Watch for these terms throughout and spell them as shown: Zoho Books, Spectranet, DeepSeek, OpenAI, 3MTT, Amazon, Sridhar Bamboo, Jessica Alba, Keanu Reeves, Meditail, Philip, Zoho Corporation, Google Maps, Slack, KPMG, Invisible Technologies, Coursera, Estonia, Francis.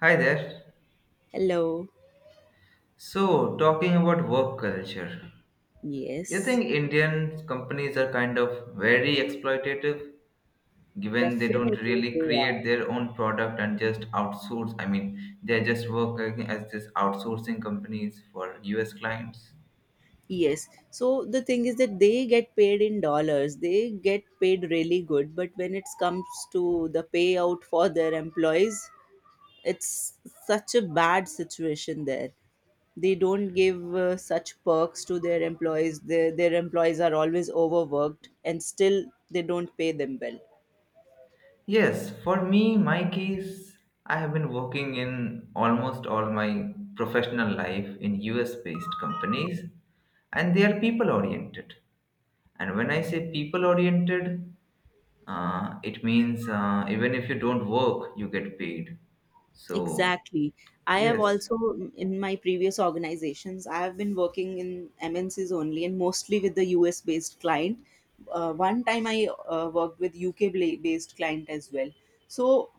Hi there. Hello. So, talking about work culture, you Yes, think Indian companies are kind of very exploitative given they don't definitely really they create are. their own product and just outsource? I mean, they're just working as this outsourcing companies for US clients. Yes. So the thing is that they get paid in dollars. They get paid really good, but when it comes to the payout for their employees, it's such a bad situation there. They don't give such perks to their employees. Their employees are always overworked and still they don't pay them well. Yes, for me, my case, I have been working in almost all my professional life in US based companies and they are people oriented. And when I say people oriented, it means even if you don't work, you get paid. So, Exactly. I have yes, also, in my previous organizations, I have been working in MNCs only and mostly with the US based client. One time I worked with UK based client as well. So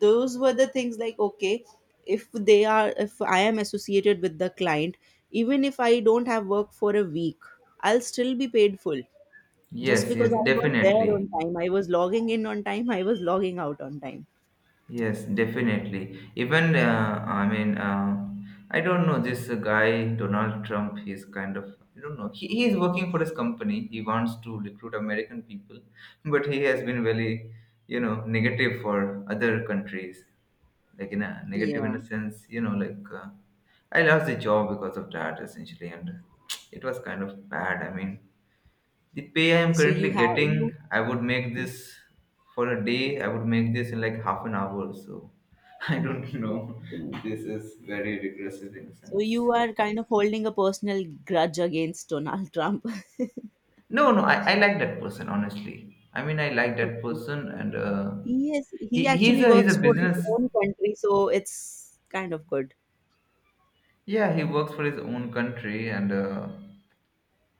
those were the things like, okay, if they are, if I am associated with the client, even if I don't have work for a week, I'll still be paid full just yes, because yes, I was there on definitely. time. I was logging in on time, I was logging out on time. Yes, definitely. Even, I mean, I don't know this guy, Donald Trump, he's kind of, I don't know, he is working for his company. He wants to recruit American people, but he has been very, you know, negative for other countries. Like, in a negative Yeah. in a sense, you know, like, I lost the job because of that essentially, and it was kind of bad. I mean, the pay I Okay, am so you currently have you getting, I would make this for a day, I would make this in like half an hour. So I don't know. This definitely. is very regressive in a So sense. you are kind of holding a personal grudge against Donald Trump. No, no, I like that person, honestly. I mean, I like that Okay. person, and Yes, he he, he's actually a he's a works for his business. own country, so it's kind of good. Yeah, he works for his own country, and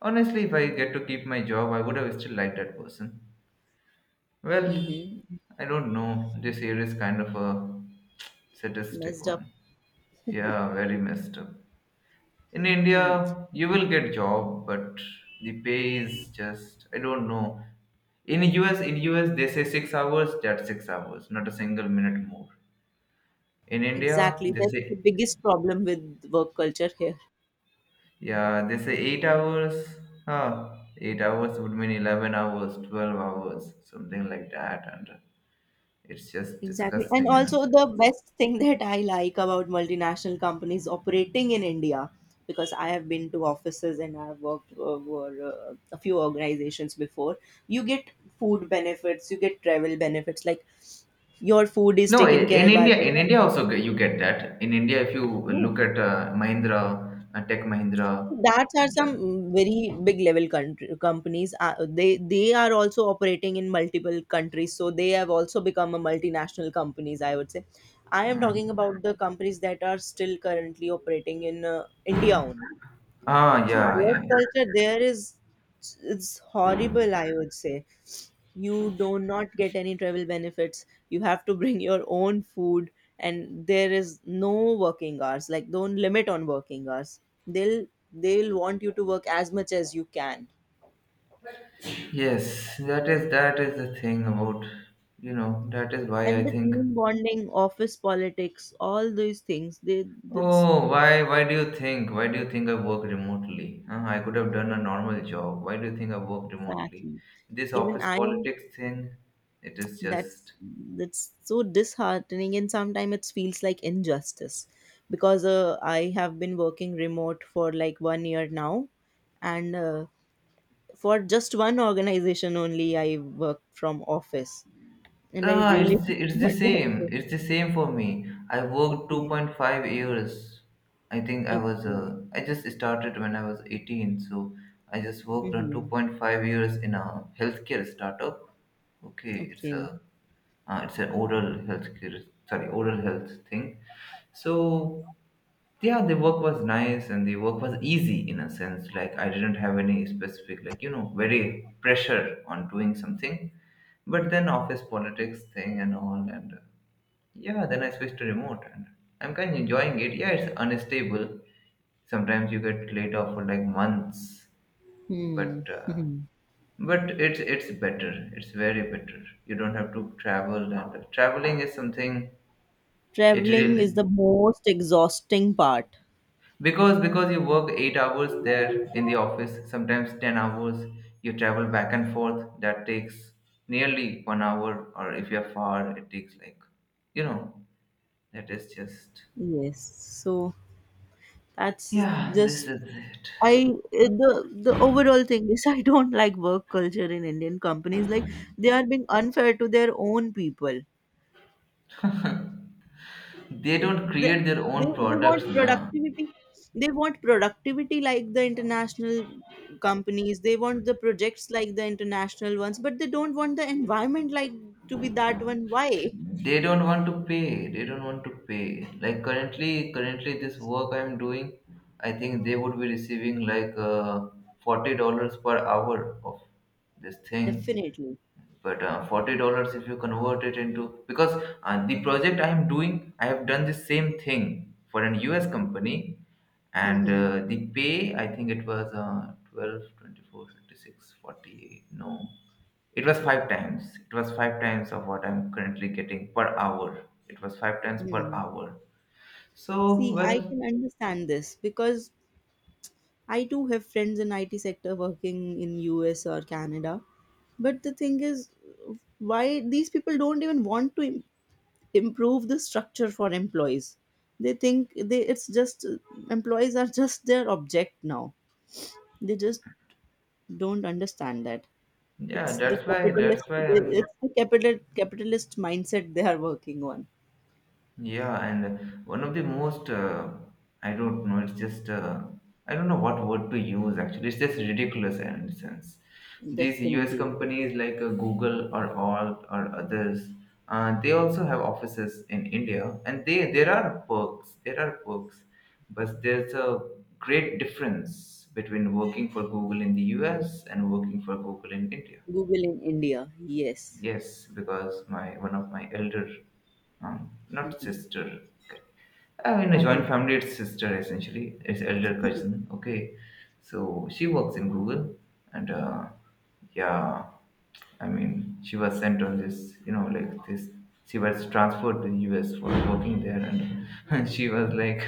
honestly, if I get to keep my job, I would have still liked that person. Well, Mm-hmm. I don't know. This year is kind of a sadistic Messed up. one. Yeah, very messed up. In Mm. India, you will get job, but the pay is just I don't know. In US they say six hours, that's six hours, not a single minute more. In India, Exactly. they That's the say biggest problem with work culture here. yeah, they say eight hours. Huh, eight hours would mean 11 hours, 12 hours, something like that, and it's just Exactly. And disgusting in a also, the sense. best thing that I like about multinational companies operating in India, because I have been to offices and I've worked for a few organizations before, you get food benefits, you get travel benefits. Like your food is No, taken i- in care by India, the in India company. also you get that. In India, if you No, look at Mahindra, Tech Mahindra, that are and some very big level country, companies they are also operating in multiple countries, so they have also become a multinational companies, I would say. I am talking mm. about the companies that are still currently operating in India only. ah, So yeah, work yeah, culture there is it's horrible, I would say. You do not get any travel benefits. You have to bring your own food, and there is no working hours. Like don't limit on working hours. They'll they'll want you to work as much as you can. yes, that is the thing about you know that is why And I the think. team bonding, office politics, all those things, they that's Oh, why do you think I work remotely? Huh? I could have done a normal job. Why do you think I work remotely? exactly. This Even office I am politics thing, it is that's just so disheartening, and sometimes it feels like injustice because I have been working remote for like 1 year now, and for just one organization only I worked from office, and I Ah, really it's the- did it's the not want same. to It's the same for me. I worked okay. 2.5 years. I think I was Okay. I just started when I was 18, so I just worked on Hmm. 2.5 years in a healthcare startup. Okay, it's Okay. a it's an oral healthcare sorry oral health thing. So yeah, the work was nice and the work was easy in a sense, like I didn't have any specific, like, you know, very pressure on doing something. But then office politics thing and all, and yeah, then I switched to remote, and I'm kind of enjoying it. Yeah, it's unstable. Sometimes you get laid off for like months, Hmm. but uh, Hmm. but it's it's better, it's very better. You don't have to travel, and traveling is something, it Traveling is the really most exhausting part. because you work 8 hours there in the office, sometimes 10 hours. You travel back and forth, that takes nearly 1 hour, or if you're far it takes like, you know, that is just Yes, so that's yeah, this just is it. I the overall thing is I don't like work culture in Indian companies. Like they are being unfair to their own people. They If don't they, create their they own want products now. productivity. They want productivity like the international companies. They want the projects like the international ones, but they don't want the environment like to be that one. Why? They don't want to pay they don't want to pay like currently this work I'm doing, I think they would be receiving like $40 per hour of this thing, Definitely. but $40, if you convert it into, because the project I am doing, I have done the same thing for an US company, and Hmm. The pay, I think it was 12 24, 56, 48. No, it was five times, it was five times of what I'm currently getting per hour, it was five times per Hmm. hour. So See, I well, can understand this because I too have friends in IT sector working in US or Canada. But the thing is, why these people don't even want to improve the structure for employees? They think they it's just employees are just their object now. They just don't understand that yeah it's the that's why capitalist. that's why i'm It's the capitalist mindset they are working on. Yeah, and one of the most, I don't know, it's just, I don't know what word to use actually. It's just ridiculous in a sense. These US Definitely, it is. companies like Google or Alt or others, they also have offices in India, and they there are perks, but there's a great difference between working for Google in the US and working for Google in India. Google in India, yes. Yes, because my one of my elder, not Mhm. sister, I mean, a Cousin. joint family, it's sister essentially, it's elder cousin. Okay, so she works in Google, and yeah, I mean, she was sent on this, you know, like this. She was transferred to the US for working there, and she was like,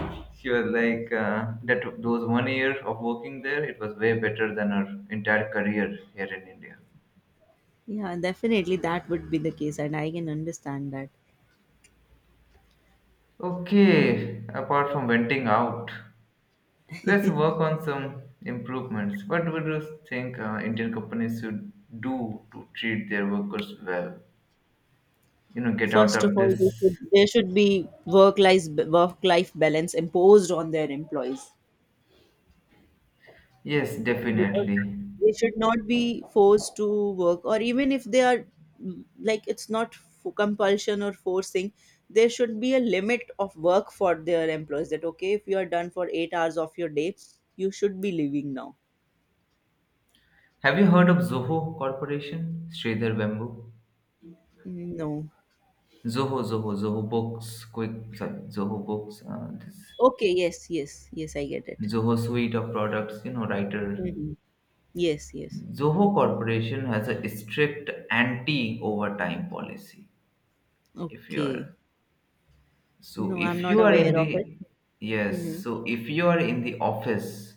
she was like that. Those one year of working there, it was way better than her entire career here in India. Yeah, definitely that would be the case, and I can understand that. Okay, apart from venting out. Let's work on some improvements. What do you think Indian companies should do to treat their workers well? You know, get out First of of all, this. there should be work life balance imposed on their employees Yes, because definitely. they should not be forced to work, or even if they are like it's not compulsion or forcing, there should be a limit of work for their employees. That okay, if you are done for 8 hours of your day, you should be leaving now. Have you heard of Zoho Corporation? Sridhar Bamboo? No. Zoho, Zoho, Zoho Books, quick, Zoho Books, this Okay. Yes. Yes. Yes. I get it. Zoho suite of products, you know, writer. Mhm. Yes. Yes. Zoho Corporation has a strict anti overtime policy, if you Okay. are So No, I'm if not you are in aware of it. the yes, Mm-hmm. so if you are in the office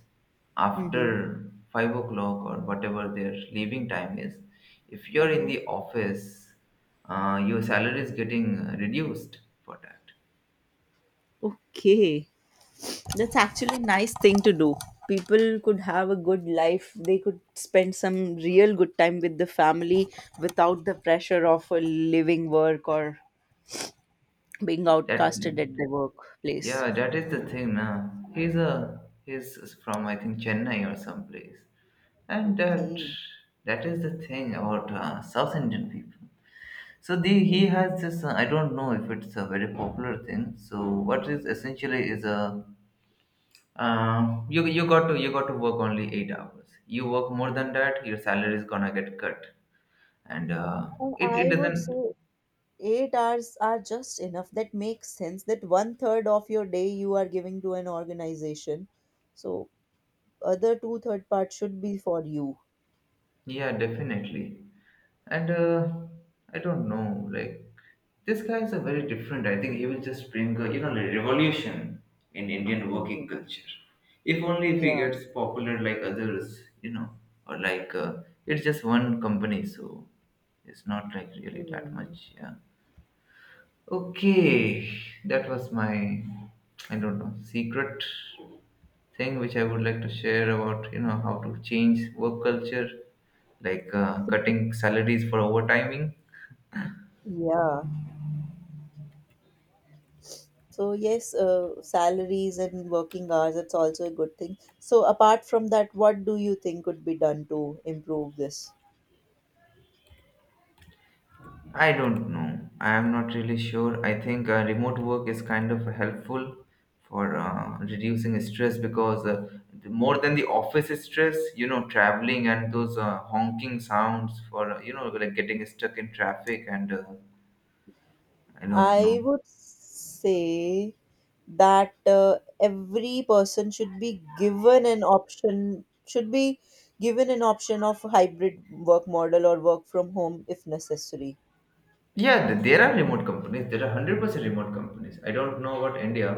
Mm-hmm. after 5 o'clock or whatever their leaving time is, if you are in Uh-huh. the office, your salary is getting reduced for that. Okay. That's actually a nice thing to do. People could have a good life. They could spend some real good time with the family without the pressure of a living work or being That outcasted at the workplace. yeah, that is the thing. Now he's from I think Chennai or someplace, and that Okay. that is the thing about South Indian people. So the Mm-hmm. he has this. I don't know if it's a very popular thing. So what is essentially is a you got to work only eight hours. You work more than that, your salary is gonna get cut, and And it it I would doesn't say 8 hours are just enough. That makes sense. That one third of your day you are giving to an organization. So other 2 third parts should be for you. Yeah, definitely. And I don't know, like this guy is a very different. I think he will just bring a, you know, a revolution in Indian working Mhm. culture. If only if he Yeah. gets popular like others, you know, or like it's just one company, so it's not like really that Mhm. much. Yeah. Okay, that was my I don't know secret thing which I would like to share about, you know, how to change work culture, like cutting salaries for overtiming. Yeah. So yes, salaries and working hours, it's also a good thing. So apart from that, what do you think could be done to improve this? I don't know. I am not really sure. I think remote work is kind of helpful for reducing stress, because more than the office stress, you know, traveling and those honking sounds for you know, like getting stuck in traffic and I don't know. I would say that every person should be given an option, of hybrid work model or work from home if necessary. Yeah, there are remote companies. There are 100% remote companies. I don't know about India,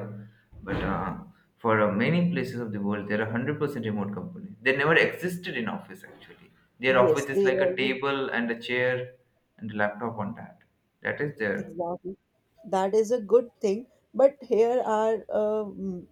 but for many places of the world, there are 100% remote companies. They never existed in office, actually. Their Yes, office is they like a always table and a chair and a laptop on that. That is there. exactly. That is a good thing. But here are,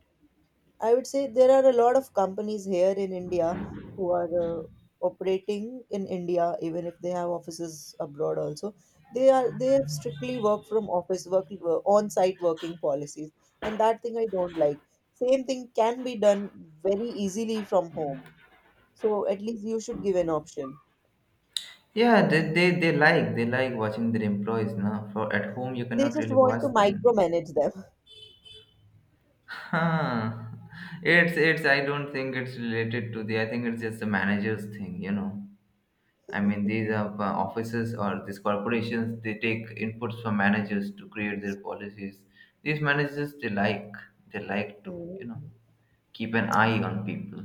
I would say there are a lot of companies here in India who are operating in India, even if they have offices abroad also. They have strictly work from office work on-site working policies, and that thing I don't like. Same thing can be done very easily from home. So at least you should give an option. Yeah, they they like watching their employees now. For at home, you They cannot just really want watch to them. micromanage them. Huh. It's. I don't think it's related to the. I think it's just the manager's thing, you know. I mean, these are offices or these corporations, they take inputs from managers to create their policies. These managers, they like to, you know, keep an eye on people.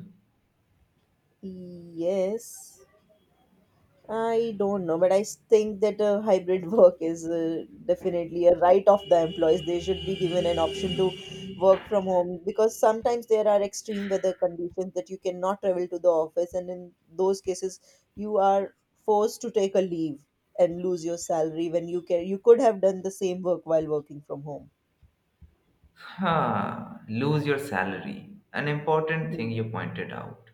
Mm, yes. I don't know, but I think that hybrid work is definitely a right of the employees. They should be given an option to work from home because sometimes there are extreme weather conditions that you cannot travel to the office, and in those cases, you are forced to take a leave and lose your salary when you can. You could have done the same work while working from home. Ha, lose your salary. An important thing Mhm. you pointed out.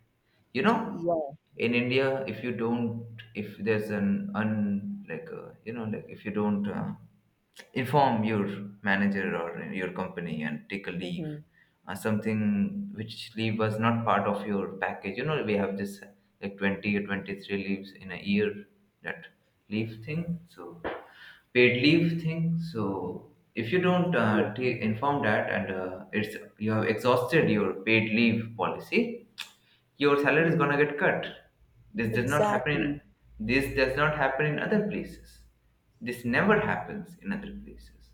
You know, Yeah. in India, if you don't, if there's an un, like, you know, like if you don't inform your manager or your company and take a leave, Mm-hmm. Something which leave was not part of your package. You know, we have this like 20 or 23 leaves in a year, that leave thing. So, paid leave thing. So if you don't Yeah. Inform that and it's you have exhausted your paid leave policy, your salary is Hmm. gonna get cut. This does not happen in Exactly. this does not happen in other places. This never happens in other places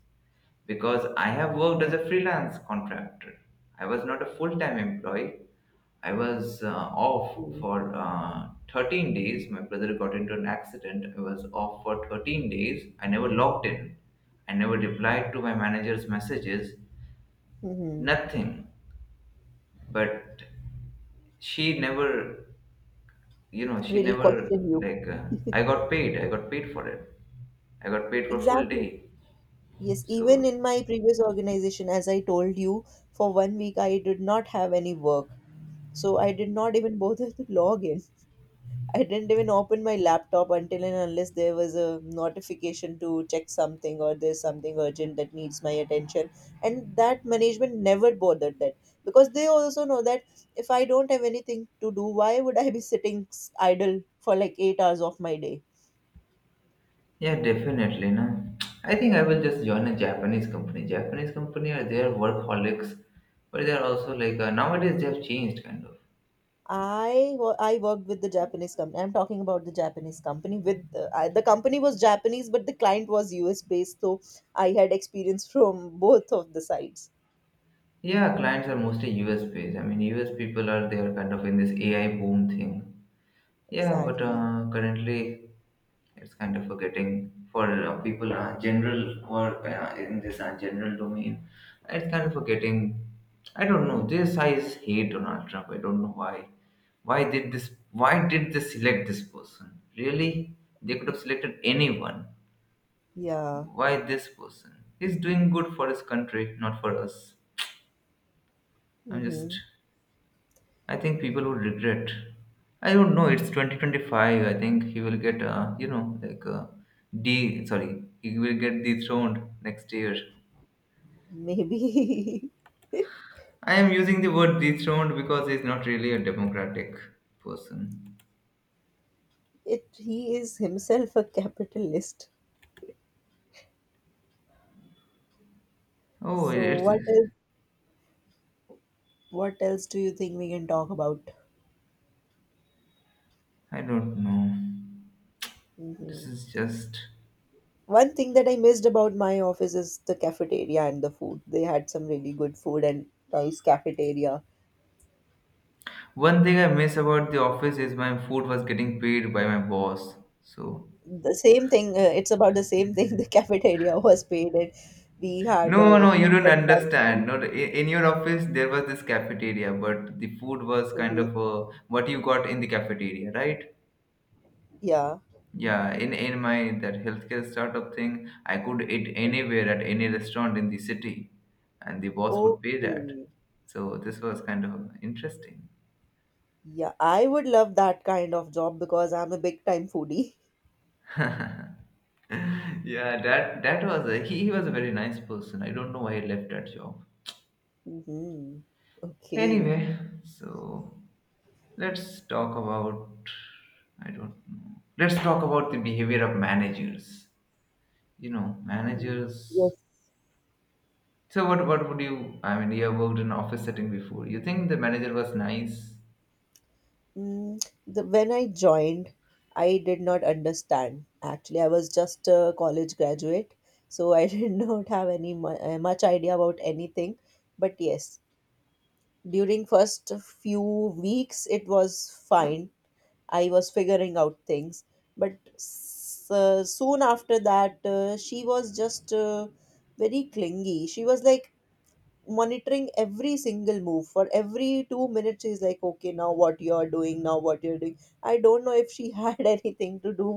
because I have worked as Yeah. a freelance contractor. I was not a full time employee. I was off for 13 days. My brother got into an accident. I was off for 13 days. I never logged in. I never replied to my manager's messages. Mm-hmm. Nothing. But she never, you know, she Really never, question you. like, I got paid. I got paid for it. I got paid for full Exactly. day. Yes, even So in my previous organization, as I told you, for 1 week I did not have any work. So I did not even bother to log in. I didn't even open my laptop until and unless there was a notification to check something or there's something urgent that needs my attention. And that management never bothered that because they also know that if I don't have anything to do, why would I be sitting idle for like 8 hours of my day? yeah, definitely. No, I think I will just join a Japanese company. Japanese company are their workaholics, but they are also like nowadays they have changed kind of. I worked with the Japanese company. I'm talking about the Japanese company. The company was Japanese, but the client was US based. So I had experience from both of the sides. Yeah, clients are mostly US based. I mean, US people are kind of in this AI boom thing. Yeah, but Exactly. Currently it's kind of forgetting for people general who are in this general domain it's kind of forgetting. I don't know this I Hate Donald Trump. I don't know why. Why did this Why did they select this person, really? They could have selected anyone. Yeah. Why this person? He's doing good for his country, not for us. i'm Mm-hmm. just I think people would regret. I don't know. It's 2025. I think he will get, you know, like, he will get dethroned next year. Maybe I am using the word dethroned because he's not really a democratic person. it. He is himself a capitalist. Oh, So it's. what else? What else do you think we can talk about? I don't know. This Hmm. is just One thing that I missed about my office is the cafeteria and the food. They had some really good food and nice cafeteria one thing I miss about the office is my food was getting paid by my boss. So the same thing. It's about the same thing. The cafeteria was painted. We had no, no, you don't breakfast, lunch, understand. Not I- in your office there was this cafeteria, but the food was kind hmm. of what you got in the cafeteria, right? Yeah. Yeah, in my that healthcare startup thing, I could eat anywhere at any restaurant in the city, and the boss would pay that. Okay. So this was kind of interesting. Yeah, I would love that kind of job because I'm a big time foodie. Yeah, that was a, he was a very nice person. I don't know why he left that job. Hmm. Okay. Anyway, so let's talk about I don't know. Let's talk about the behavior of managers. You know, Mm, managers. yes. So what would you? I mean, you have worked in office setting before. You think the manager was nice? Mm, the, when I joined, I did not understand. Actually, I was just a college graduate, so I did not have any much idea about anything. But yes, during first few weeks it was fine. I was figuring out things, but soon after that she was just very clingy. She was like monitoring every single move for every 2 minutes. She's like, okay, now what you're doing, now what you're doing. I don't know if she had anything to do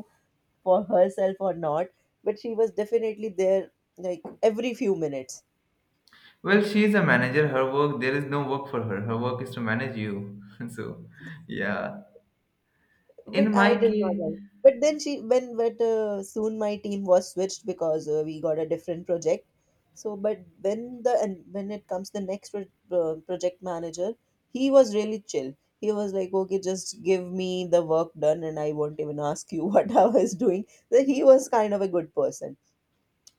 for herself or not, but she was definitely there like every few minutes. Well, she is a manager. Her work there is no work for her. Her work is to manage you. So, yeah. In But my I did not case, like. But then she when but soon my team was switched because we got a different project. So, but when the and when it comes the next project manager, he was really chill. He was like, okay, just give me the work done, and I won't even ask you what I was doing. So he was kind of a good person.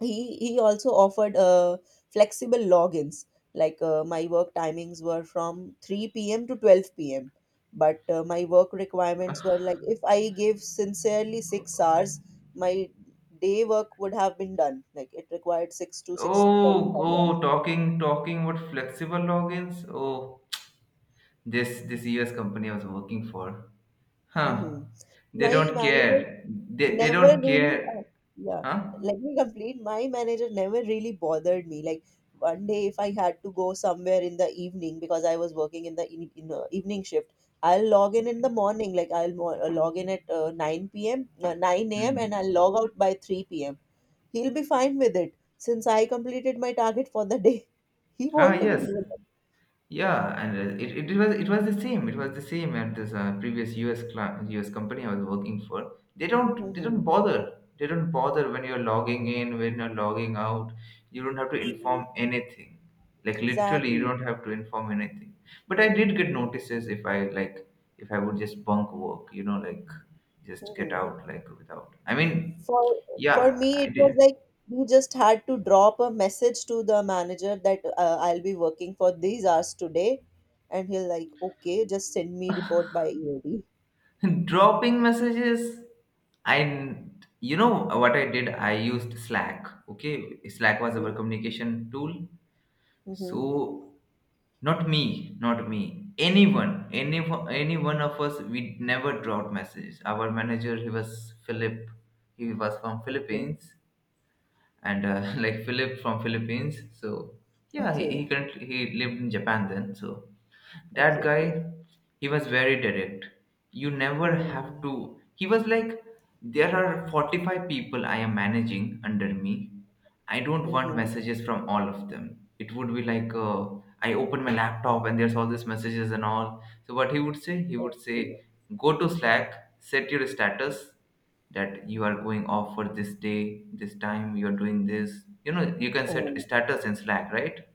He also offered flexible logins. Like my work timings were from 3 p.m. to 12 p.m., but my work requirements were like if I gave sincerely 6 hours, my day work would have been done. Like it required 6 to oh, 6.5 hours. oh, talking about flexible logins. Oh, this US company I was working for. Huh. They my don't Manager care. They never don't really care. yeah Huh? let me complete. My manager never really bothered me. Like 1 day if I had to go somewhere in the evening because I was working in the evening shift, I'll log in the morning. Like I'll log in at 9 p.m. 9 a.m. and Hmm. I'll log out by 3 p.m. He'll be fine with it since I completed my target for the day. He Ah, won't even yes. do that. Yeah, and it was the same. It was the same at this previous US company I was working for. They Hmm. don't bother. They don't bother when you're logging in, when you're logging out. You don't have to inform anything. Like literally, you Exactly. don't have to inform anything. But I did get notices if I like if I would just bunk work, you know, like just get Hmm. out like without. I mean, For for yeah, me, I it was did. like we just had to drop a message to the manager that I'll be working for these hours today, and he'll like, okay, just send me report by EOD. Dropping messages, I, you know what I did? I used Slack. Okay, Slack was our Okay. communication tool. Mm-hmm. So not me. Anyone, any one of us, we never dropped messages. Our manager, he was Philip. He was from Okay. Philippines, and like Philip from Philippines. So yeah, Okay. currently, he lived in Japan then. So that Okay. guy, Okay. he was very direct. You never have Mm-hmm. to. He was like, there are 45 people I am managing under me. I don't want Mm-hmm. messages from all of them. It would be like, I open my laptop and there's all these messages and all. So what he would say, go to Slack, set your status that you are going off for this day, this time, you are doing this. You know, you can set Oh. status in Slack, right?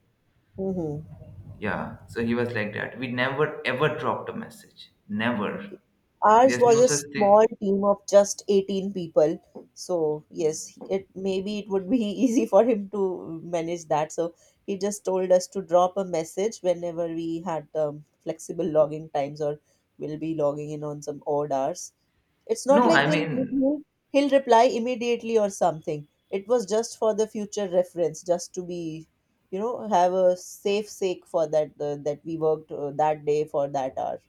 Mm-hmm. Yeah, so he was like that. We never ever dropped a message. Never. Okay. Ours There's was no a such thing. small team of just 18 people. So, yes, it maybe it would be easy for him to manage that. So, he just told us to drop a message whenever we had flexible logging times or will be logging in on some odd hours. It's not No, like I they'll mean, he'll he'll reply immediately or something. It was just for the future reference, just to be, you know, have a safe sake for that that we worked that day for that hour.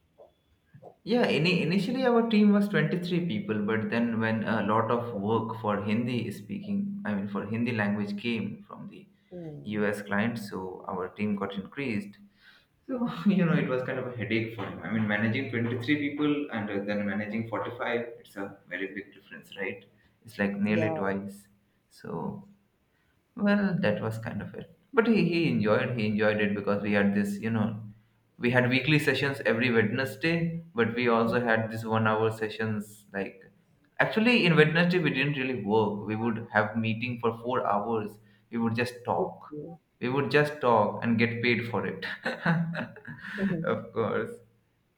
yeah, initially our team was 23 people, but then when a lot of work for Hindi speaking, I mean, for Hindi language came from the Hmm. US clients, so our team got increased. So, you know, it was kind of a headache for him. I mean, managing 23 people and then managing 45, it's a very big difference, right? It's like nearly Yeah. twice. So, well, that was kind of it. But he enjoyed he enjoyed it because we had this, you know, we had weekly sessions every Wednesday, but we also had this 1 hour sessions like actually in Wednesday we didn't really work. We would have meeting for 4 hours. We would just talk. Okay. We would just talk and get paid for it. Mhm. Of course.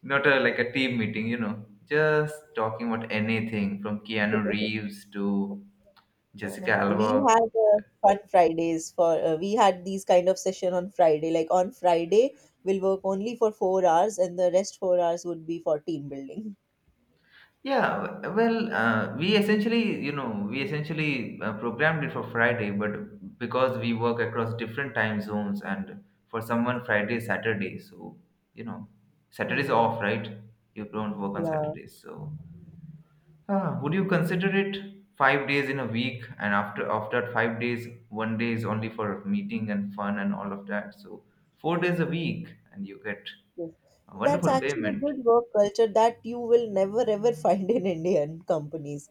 Not a like a team meeting, you know. Just talking about anything from Keanu Reeves to Jessica Uh-huh. We Alba. had fun Fridays for we had these kind of session on Friday. Like on Friday, we'll work only for 4 hours, and the rest 4 hours would be for team building. Yeah, well, we essentially, you know, we essentially programmed it for Friday, but because we work across different time zones, and for someone Friday is Saturday, so you know, Saturday's Mm-hmm. off, right? You don't work on Yeah, Saturdays, so would you consider it 5 days in a week? And after that 5 days, one day is only for meeting and fun and all of that. So 4 days a week, and you get yes. a That's wonderful actually a payment. good work culture that you will never ever find in Indian companies.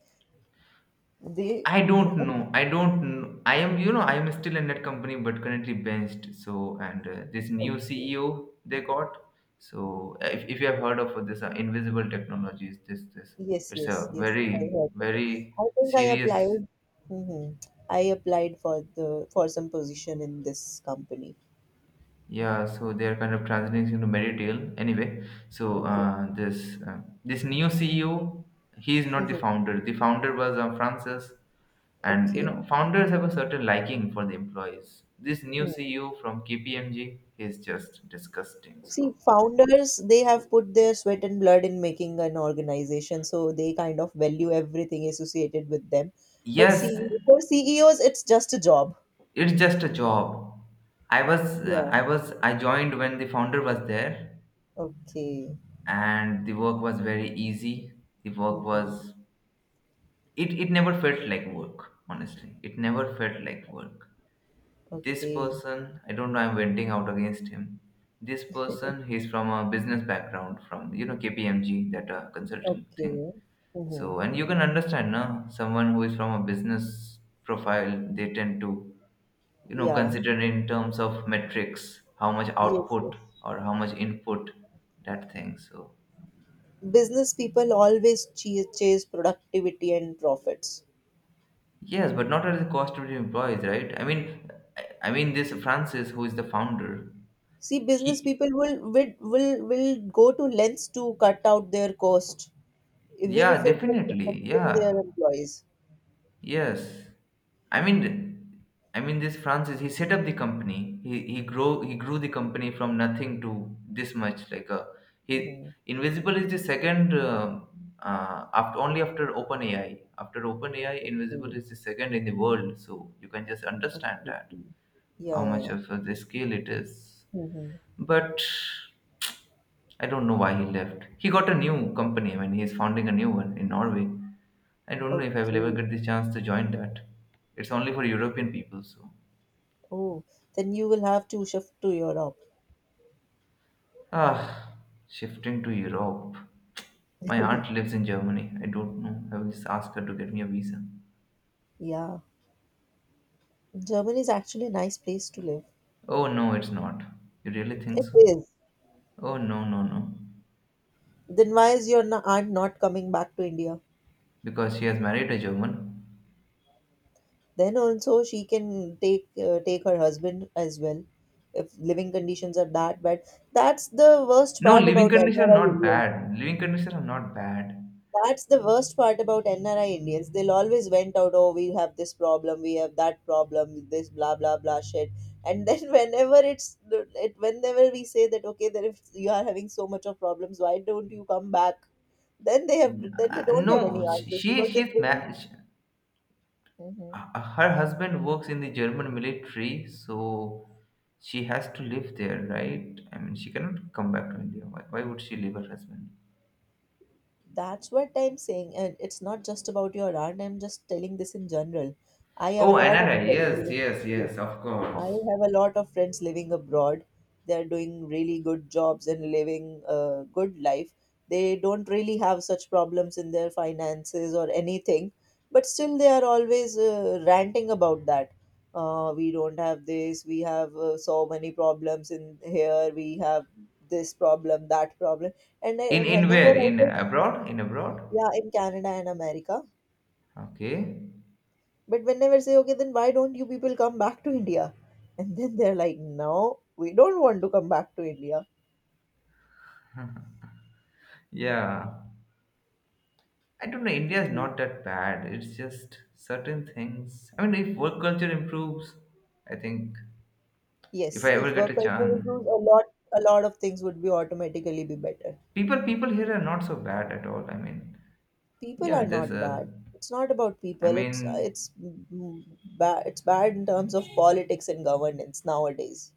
They I don't know. I am, you know, I am still in that company, but currently benched. So, and this new okay. CEO they got. So, if you have heard of this invisible technologies, this Yes, it's yes, a yes. I very heard of it. very I think I serious. applied. Hmm. I applied for some position in this company. Yeah, so they're kind of transitioning into Meditail. Anyway, so Okay. This new CEO, he is not the Hmm. founder. The founder was Francis, and you Okay. know, founders have a certain liking for the employees. This new Hmm. CEO from KPMG is just disgusting. So See, founders, they have put their sweat and blood in making an organization, so they kind of value everything associated with them. But yes, see, for CEOs, it's just a job. it's just a job. I was Yeah. I joined when the founder was there, Okay. and the work was very easy. The work Hmm. was it it never felt like work, honestly. It never felt like work. This Okay. person, I don't know, I'm venting out against him. This person, he's from a business background, from you know, KPMG, that consulting thing. Okay. Hmm. So and you can understand now someone who is from a business profile, they tend to, you know, Yeah. consider in terms of metrics how much Yes, yes. output or how much input, that thing. So Business people always chase, chase productivity and profits. yes, but not at the cost of the employees, right? I mean, I mean this Francis, who is the founder. See, business He, people will go to lengths to cut out their cost even yeah, if it's definitely, affecting their yeah, employees. yes. I mean, I mean this Francis. He set up the company. He grew the company from nothing to this much. Like a he Mhm. Invisible is the second after only after OpenAI. After OpenAI, Invisible Okay, is the second in the world. So you can just understand okay, that how yeah, much yeah. of the scale it is. Hmm. But I don't know why he left. He got a new company. I mean, he's founding a new one in Norway. I don't know if I will ever Okay. get the chance to join that. It's only for European people, so. Oh, then you will have to shift to Europe. Ah, shifting to Europe. My aunt lives in Germany. I don't know. I will just ask her to get me a visa. Yeah, Germany is actually a nice place to live. Oh, no, it's not. You really think It so? is. Oh, no, no, no. Then why is your aunt not coming back to India? Because she has married a German. Then also she can take take her husband as well if living conditions are that bad. That's the worst No, part living about conditions are NRI not Indians. bad. Living conditions are not bad. That's the worst part about NRI Indians. They'll always vent out, oh, we have this problem, we have that problem, this blah blah blah shit. And then whenever whenever we say that okay, that if you are having so much of problems, why don't you come back? Then they don't have any No, sh- answers she because they she's bring. ma- sh- Mhm. Her husband works in the German military, so she has to live there, right? I mean, she cannot come back to India. Why would she leave her husband? That's what I'm saying, and it's not just about your aunt. I'm just telling this in general. I have a Oh, lot of NRI. friends Yes, living, yes, yes. Of I course. have a lot of friends living abroad. They're doing really good jobs and living a good life. They don't really have such problems in their finances or anything, but still they are always ranting about that. We don't have this. We have so many problems in here. We have this problem, that problem, and In whenever where? I In go abroad? In abroad? yeah, in Canada and America. Okay. But whenever say, okay, then why don't you people come back to India? And then they're like, no, we don't want to come back to India. Yeah. I don't know. India is not that bad. It's just certain things. I mean, if work culture improves, I think if Yes, I ever if get work a culture chance. improves a lot of things would be automatically be better. People, people here are not so bad at all, I mean. People Yeah, are there's not a bad. It's not about I people. mean Bad. It's bad in terms of politics and governance nowadays.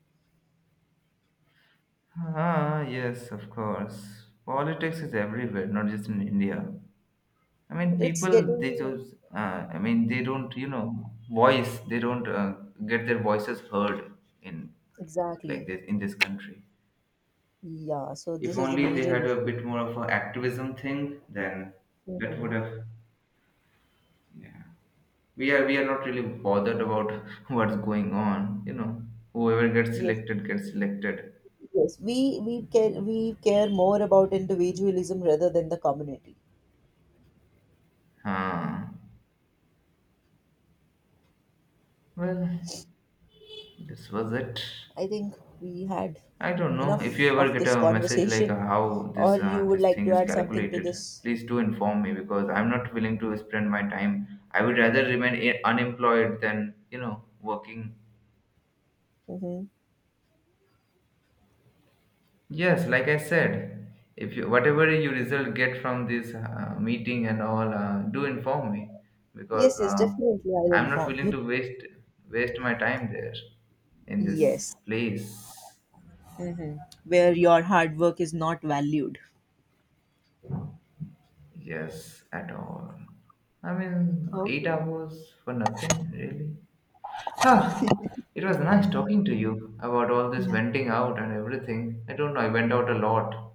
ah, yes, of course. Politics is everywhere, not just in India. I mean But it's people, they getting just I mean, they don't, you know, voice, they don't get their voices heard in like exactly. this, in this country. Yeah. So this If is the only they major had a issue. bit more of an activism thing, then that Hmm. would have, yeah, we are not really bothered about what's going on, you know, whoever gets Yes. selected gets selected. Yes, we care more about individualism rather than the community. Huh. Well, this was it. I think we had I don't know if you enough ever of get this a message like conversation, how or this you would this like thing to is add something to calculated, this? please do inform me because I'm not willing to spend my time. I would rather remain unemployed than, you know, working. Hmm. Yes, like I said, if you whatever you result get from this meeting and all, do inform me Yes, because yes, definitely. I'll I'm not inform willing to you. waste my time there in Yes, this place. where your hard work is not valued. Yes, at all. I mean, eight Okay. hours for nothing, really. Huh. It was nice talking to you about all this Yeah, venting out and everything. I don't know. I went out a lot.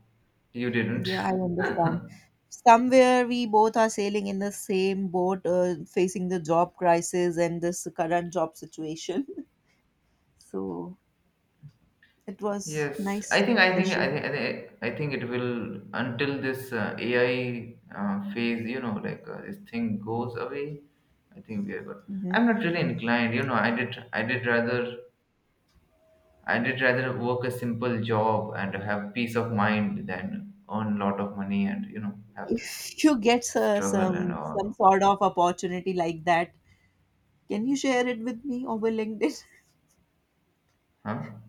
You didn't. yeah, I understand. Somewhere we both are sailing in the same boat, facing the job crisis and this current job situation. So it was Yes, nice session. I think it will until this AI phase, you know, this thing goes away. I think we are good. Mhm. I'm not really inclined, you know. I did rather work a simple job and have peace of mind than earn a lot of money and you know have this If you get struggle and some all. sort of opportunity like that, can you share it with me over LinkedIn? Huh?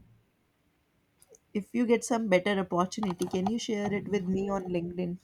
If you get some better opportunity, can you share it with me on LinkedIn?